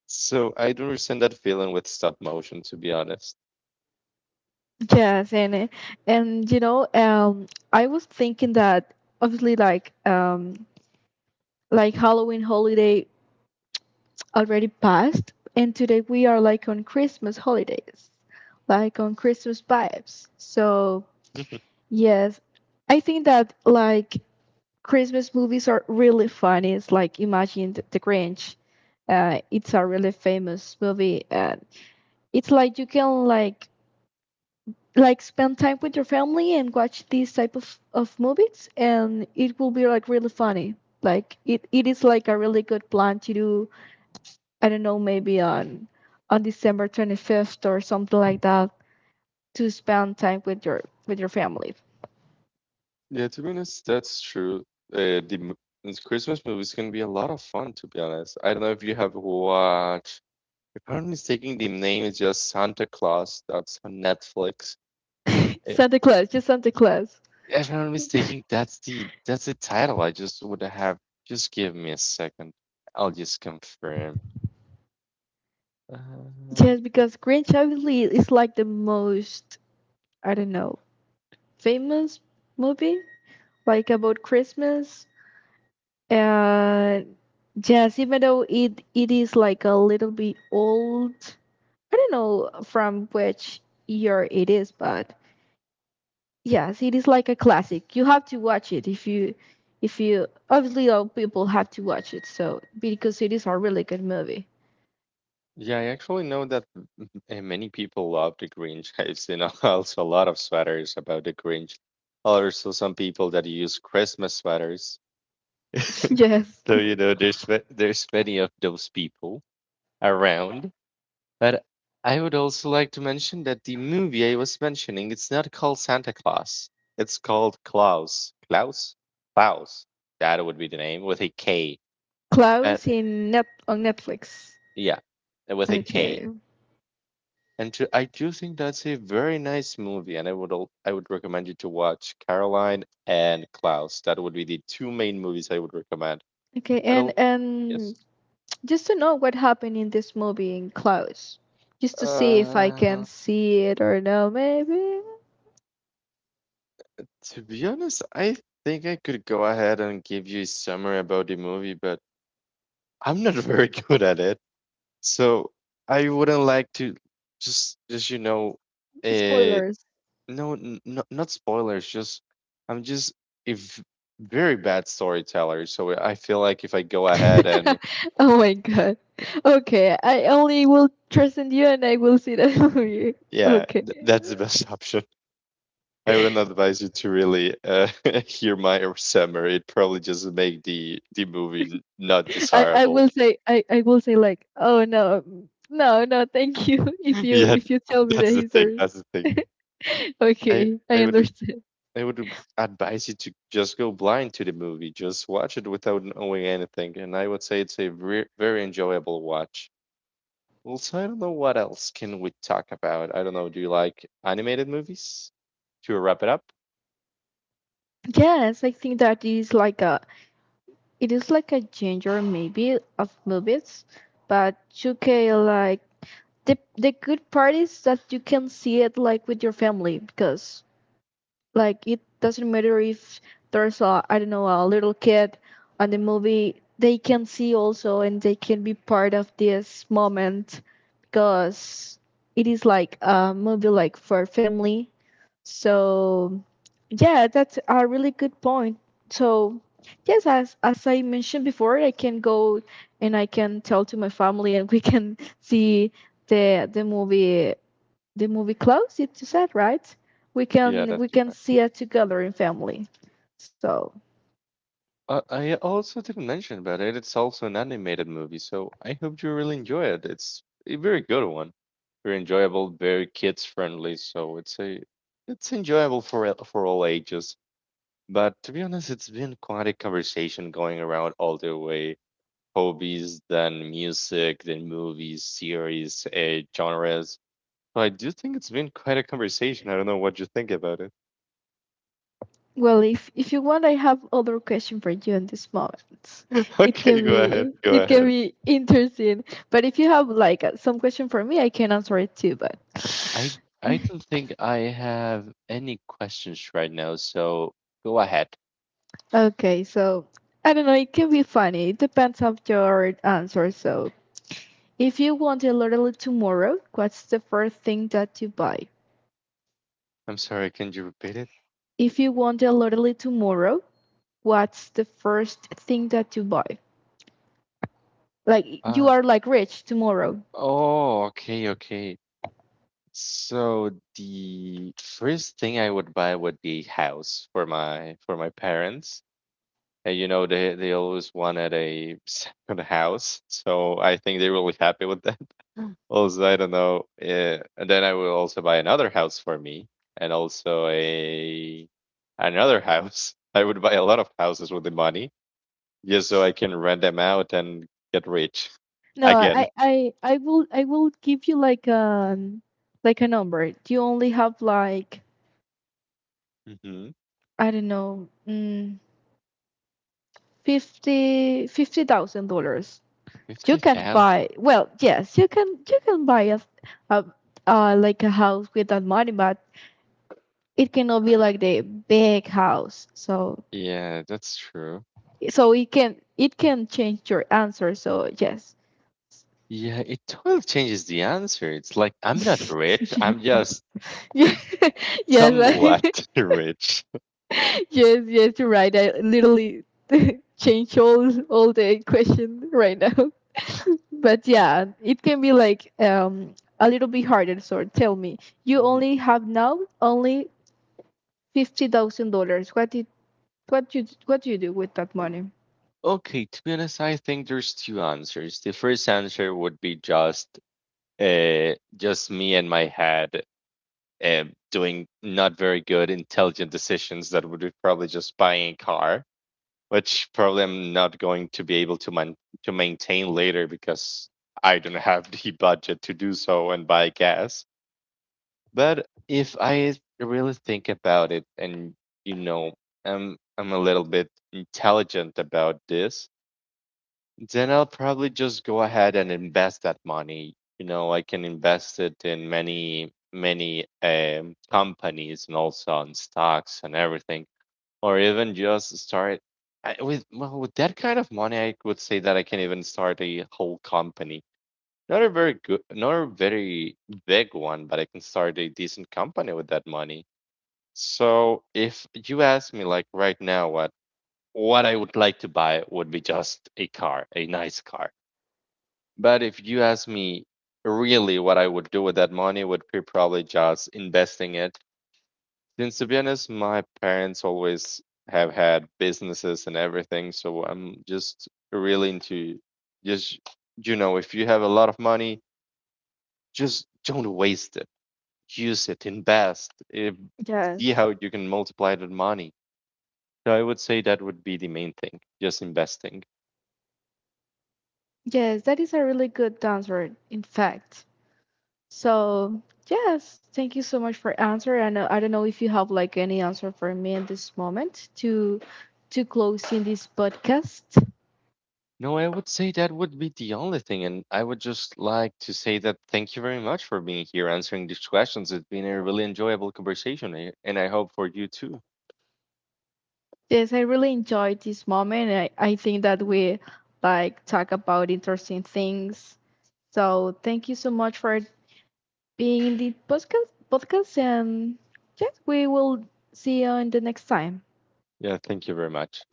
[SPEAKER 1] So I don't understand that feeling with stop motion, to be honest.
[SPEAKER 2] Yes, and and I was thinking that obviously like Halloween holiday already passed, and today we are like on Christmas holidays, like on Christmas vibes. So yes, I think that like Christmas movies are really funny. It's like, imagine the Grinch. It's a really famous movie. It's like you can like spend time with your family and watch these type of movies, and it will be like really funny. Like it is like a really good plan to do, I don't know, maybe on December 25th or something like that, to spend time with your family.
[SPEAKER 1] Yeah, to be honest, that's true. Uh, the mo- these Christmas movies can be a lot of fun, to be honest. I don't know if you have watched, if I'm not mistaken, the name is just Santa Claus. That's on Netflix. Uh,
[SPEAKER 2] Santa Claus, just Santa Claus.
[SPEAKER 1] If I'm not mistaken, that's the title. I just would have just give me a second. I'll just confirm. Uh,
[SPEAKER 2] Yes, because Grinch obviously is like the most, I don't know, famous movie like about Christmas. Uh, yes, even though it is like a little bit old, I don't know from which year it is, but yes, it is like a classic. You have to watch it. If you, obviously all people have to watch it, so, because it is a really good movie.
[SPEAKER 1] yeah, I actually know that many people love the Grinch. I've seen also a lot of sweaters about the Grinch. Also, some people that use Christmas sweaters.
[SPEAKER 2] Yes,
[SPEAKER 1] So there's many of those people around. But I would also like to mention that the movie I was mentioning, it's not called Santa Claus. It's called Klaus. Klaus? Klaus. That would be the name with a K. And
[SPEAKER 2] Klaus in net, on Netflix.
[SPEAKER 1] yeah, and with a K.
[SPEAKER 2] Okay,
[SPEAKER 1] And to, I do think that's a very nice movie, and I would recommend you to watch Caroline and Klaus. That would be the two main movies I would recommend.
[SPEAKER 2] okay,
[SPEAKER 1] But
[SPEAKER 2] and
[SPEAKER 1] I'll, yes,
[SPEAKER 2] just to know what happened in this movie, in Klaus, just to see if I can
[SPEAKER 1] uh,
[SPEAKER 2] see it or no, maybe.
[SPEAKER 1] To be honest, I think I could go ahead and give you a summary about the movie, but I'm not very good at it. So I wouldn't like to just you know uh
[SPEAKER 2] Spoilers.
[SPEAKER 1] no n- no- not spoilers, just I'm just a very bad storyteller. So I feel like if I go ahead and
[SPEAKER 2] Oh my god. Okay, I only will trust in you and I will see that movie.
[SPEAKER 1] yeah,
[SPEAKER 2] Okay.
[SPEAKER 1] th that's the best option. I wouldn't advise you to really hear my summary. It probably just make the movie not
[SPEAKER 2] I
[SPEAKER 1] desirable.
[SPEAKER 2] will say, I will say like, oh no, mm, no, no, thank you, if you,
[SPEAKER 1] Yeah,
[SPEAKER 2] if you tell me the
[SPEAKER 1] that's the thing.
[SPEAKER 2] history.
[SPEAKER 1] That's the thing. I
[SPEAKER 2] Okay,
[SPEAKER 1] I
[SPEAKER 2] I
[SPEAKER 1] would
[SPEAKER 2] understand.
[SPEAKER 1] I would advise you to just go blind to the movie. Just watch it without knowing anything, and I would say it's a very very enjoyable watch. Well, so I don't know what else can we talk about. I don't know. Do you like animated movies? To wrap it up?
[SPEAKER 2] Yes, I think that is like a, it is like a genre maybe of movies, but you can like, the good part is that you can see it like with your family, because like it doesn't matter if there's a, I don't know, a little kid on the movie, they can see also, and they can be part of this moment because it is like a movie like for family. So yeah, that's a really good point. So yes, as I mentioned before, I can go and I can tell to my family and we can see the movie Close, it, you said, right?
[SPEAKER 1] Yeah,
[SPEAKER 2] We
[SPEAKER 1] that's
[SPEAKER 2] can see it together in family. So,
[SPEAKER 1] I also didn't mention about it. It's also an animated movie, so I hope you really enjoy it. It's a very good one, very enjoyable, very kids friendly. So it's a it's enjoyable for for all ages. But to be honest, it's been quite a conversation going around all the way. Hobbies, then music, then movies, series, genres. So I do think it's been quite a conversation. I don't know what you think about it.
[SPEAKER 2] well, if you want, I have other question for you in this moment. It can
[SPEAKER 1] okay, go ahead.
[SPEAKER 2] be,
[SPEAKER 1] Go
[SPEAKER 2] it can
[SPEAKER 1] ahead.
[SPEAKER 2] be interesting. But if you have like some question for me, I can answer it too, but
[SPEAKER 1] I I don't think I have any questions right now, so go ahead.
[SPEAKER 2] okay, so I don't know, it can be funny. It depends on your answer. So, if you want a lottery tomorrow, what's the first thing that you buy?
[SPEAKER 1] I'm sorry, can you repeat it?
[SPEAKER 2] If you want a lottery tomorrow, what's the first thing that you buy? Like, you
[SPEAKER 1] Uh,
[SPEAKER 2] are like rich tomorrow.
[SPEAKER 1] oh, okay, okay. So the first thing I would buy would be house for my parents. And they always wanted a second house, so I think they're really happy with that. Mm. Also, I don't know. And then I will also buy another house for me, and also a another house. I would buy a lot of houses with the money, just so I can rent them out and get rich
[SPEAKER 2] No,
[SPEAKER 1] again.
[SPEAKER 2] I will, I will give you like a number. You only have like,
[SPEAKER 1] Hmm.
[SPEAKER 2] I don't know, fifty fifty thousand dollars. You
[SPEAKER 1] Fifty
[SPEAKER 2] can't
[SPEAKER 1] thousand.
[SPEAKER 2] buy. Well, yes, you can, you can buy a like a house with that money, but it cannot be like the big house. So,
[SPEAKER 1] Yeah, that's true.
[SPEAKER 2] it can, it can change your answer. So yes.
[SPEAKER 1] Yeah, it totally changes the answer. It's like I'm not rich. I'm just
[SPEAKER 2] Yeah, yes,
[SPEAKER 1] somewhat
[SPEAKER 2] I,
[SPEAKER 1] rich.
[SPEAKER 2] yes, yes, you're right. I literally change all the question right now. But yeah, it can be like a little bit harder. So tell me, you only have now only $50,000. What did, what do you do with that money?
[SPEAKER 1] Okay, to be honest, I think there's two answers. The first answer would be just me and my head uh, doing not very good intelligent decisions that would be probably just buying a car, which probably I'm not going to be able to man to maintain later because I don't have the budget to do so and buy gas. But if I really think about it and you know, I'm a little bit intelligent about this Then I'll probably just go ahead and invest that money. You know, I can invest it in many, many companies and also on stocks and everything, or even just start I, with well with that kind of money. I would say that I can even start a whole company. Not a very good, not a very big one, but I can start a decent company with that money. So if you ask me, like right now, what I would like to buy would be just a car, a nice car but if you ask me really what I would do with that money would be probably just investing it. Since to be honest, my parents always have had businesses and everything, so I'm just really into just you know, if you have a lot of money, just don't waste it. Use it, invest, see
[SPEAKER 2] Yes,
[SPEAKER 1] how you can multiply that money. So I would say that would be the main thing, just investing.
[SPEAKER 2] yes, that is a really good answer, in fact. So yes, thank you so much for answer. And I don't know if you have like any answer for me at this moment to close in this podcast.
[SPEAKER 1] No, I would say that would be the only thing. And I would just like to say that thank you very much for being here answering these questions. It's been a really enjoyable conversation, and I hope for you too.
[SPEAKER 2] Yes, I really enjoyed this moment. I think that we like talk about interesting things. So thank you so much for being in the podcast and yes, we will see you in the next time.
[SPEAKER 1] Yeah, thank you very much.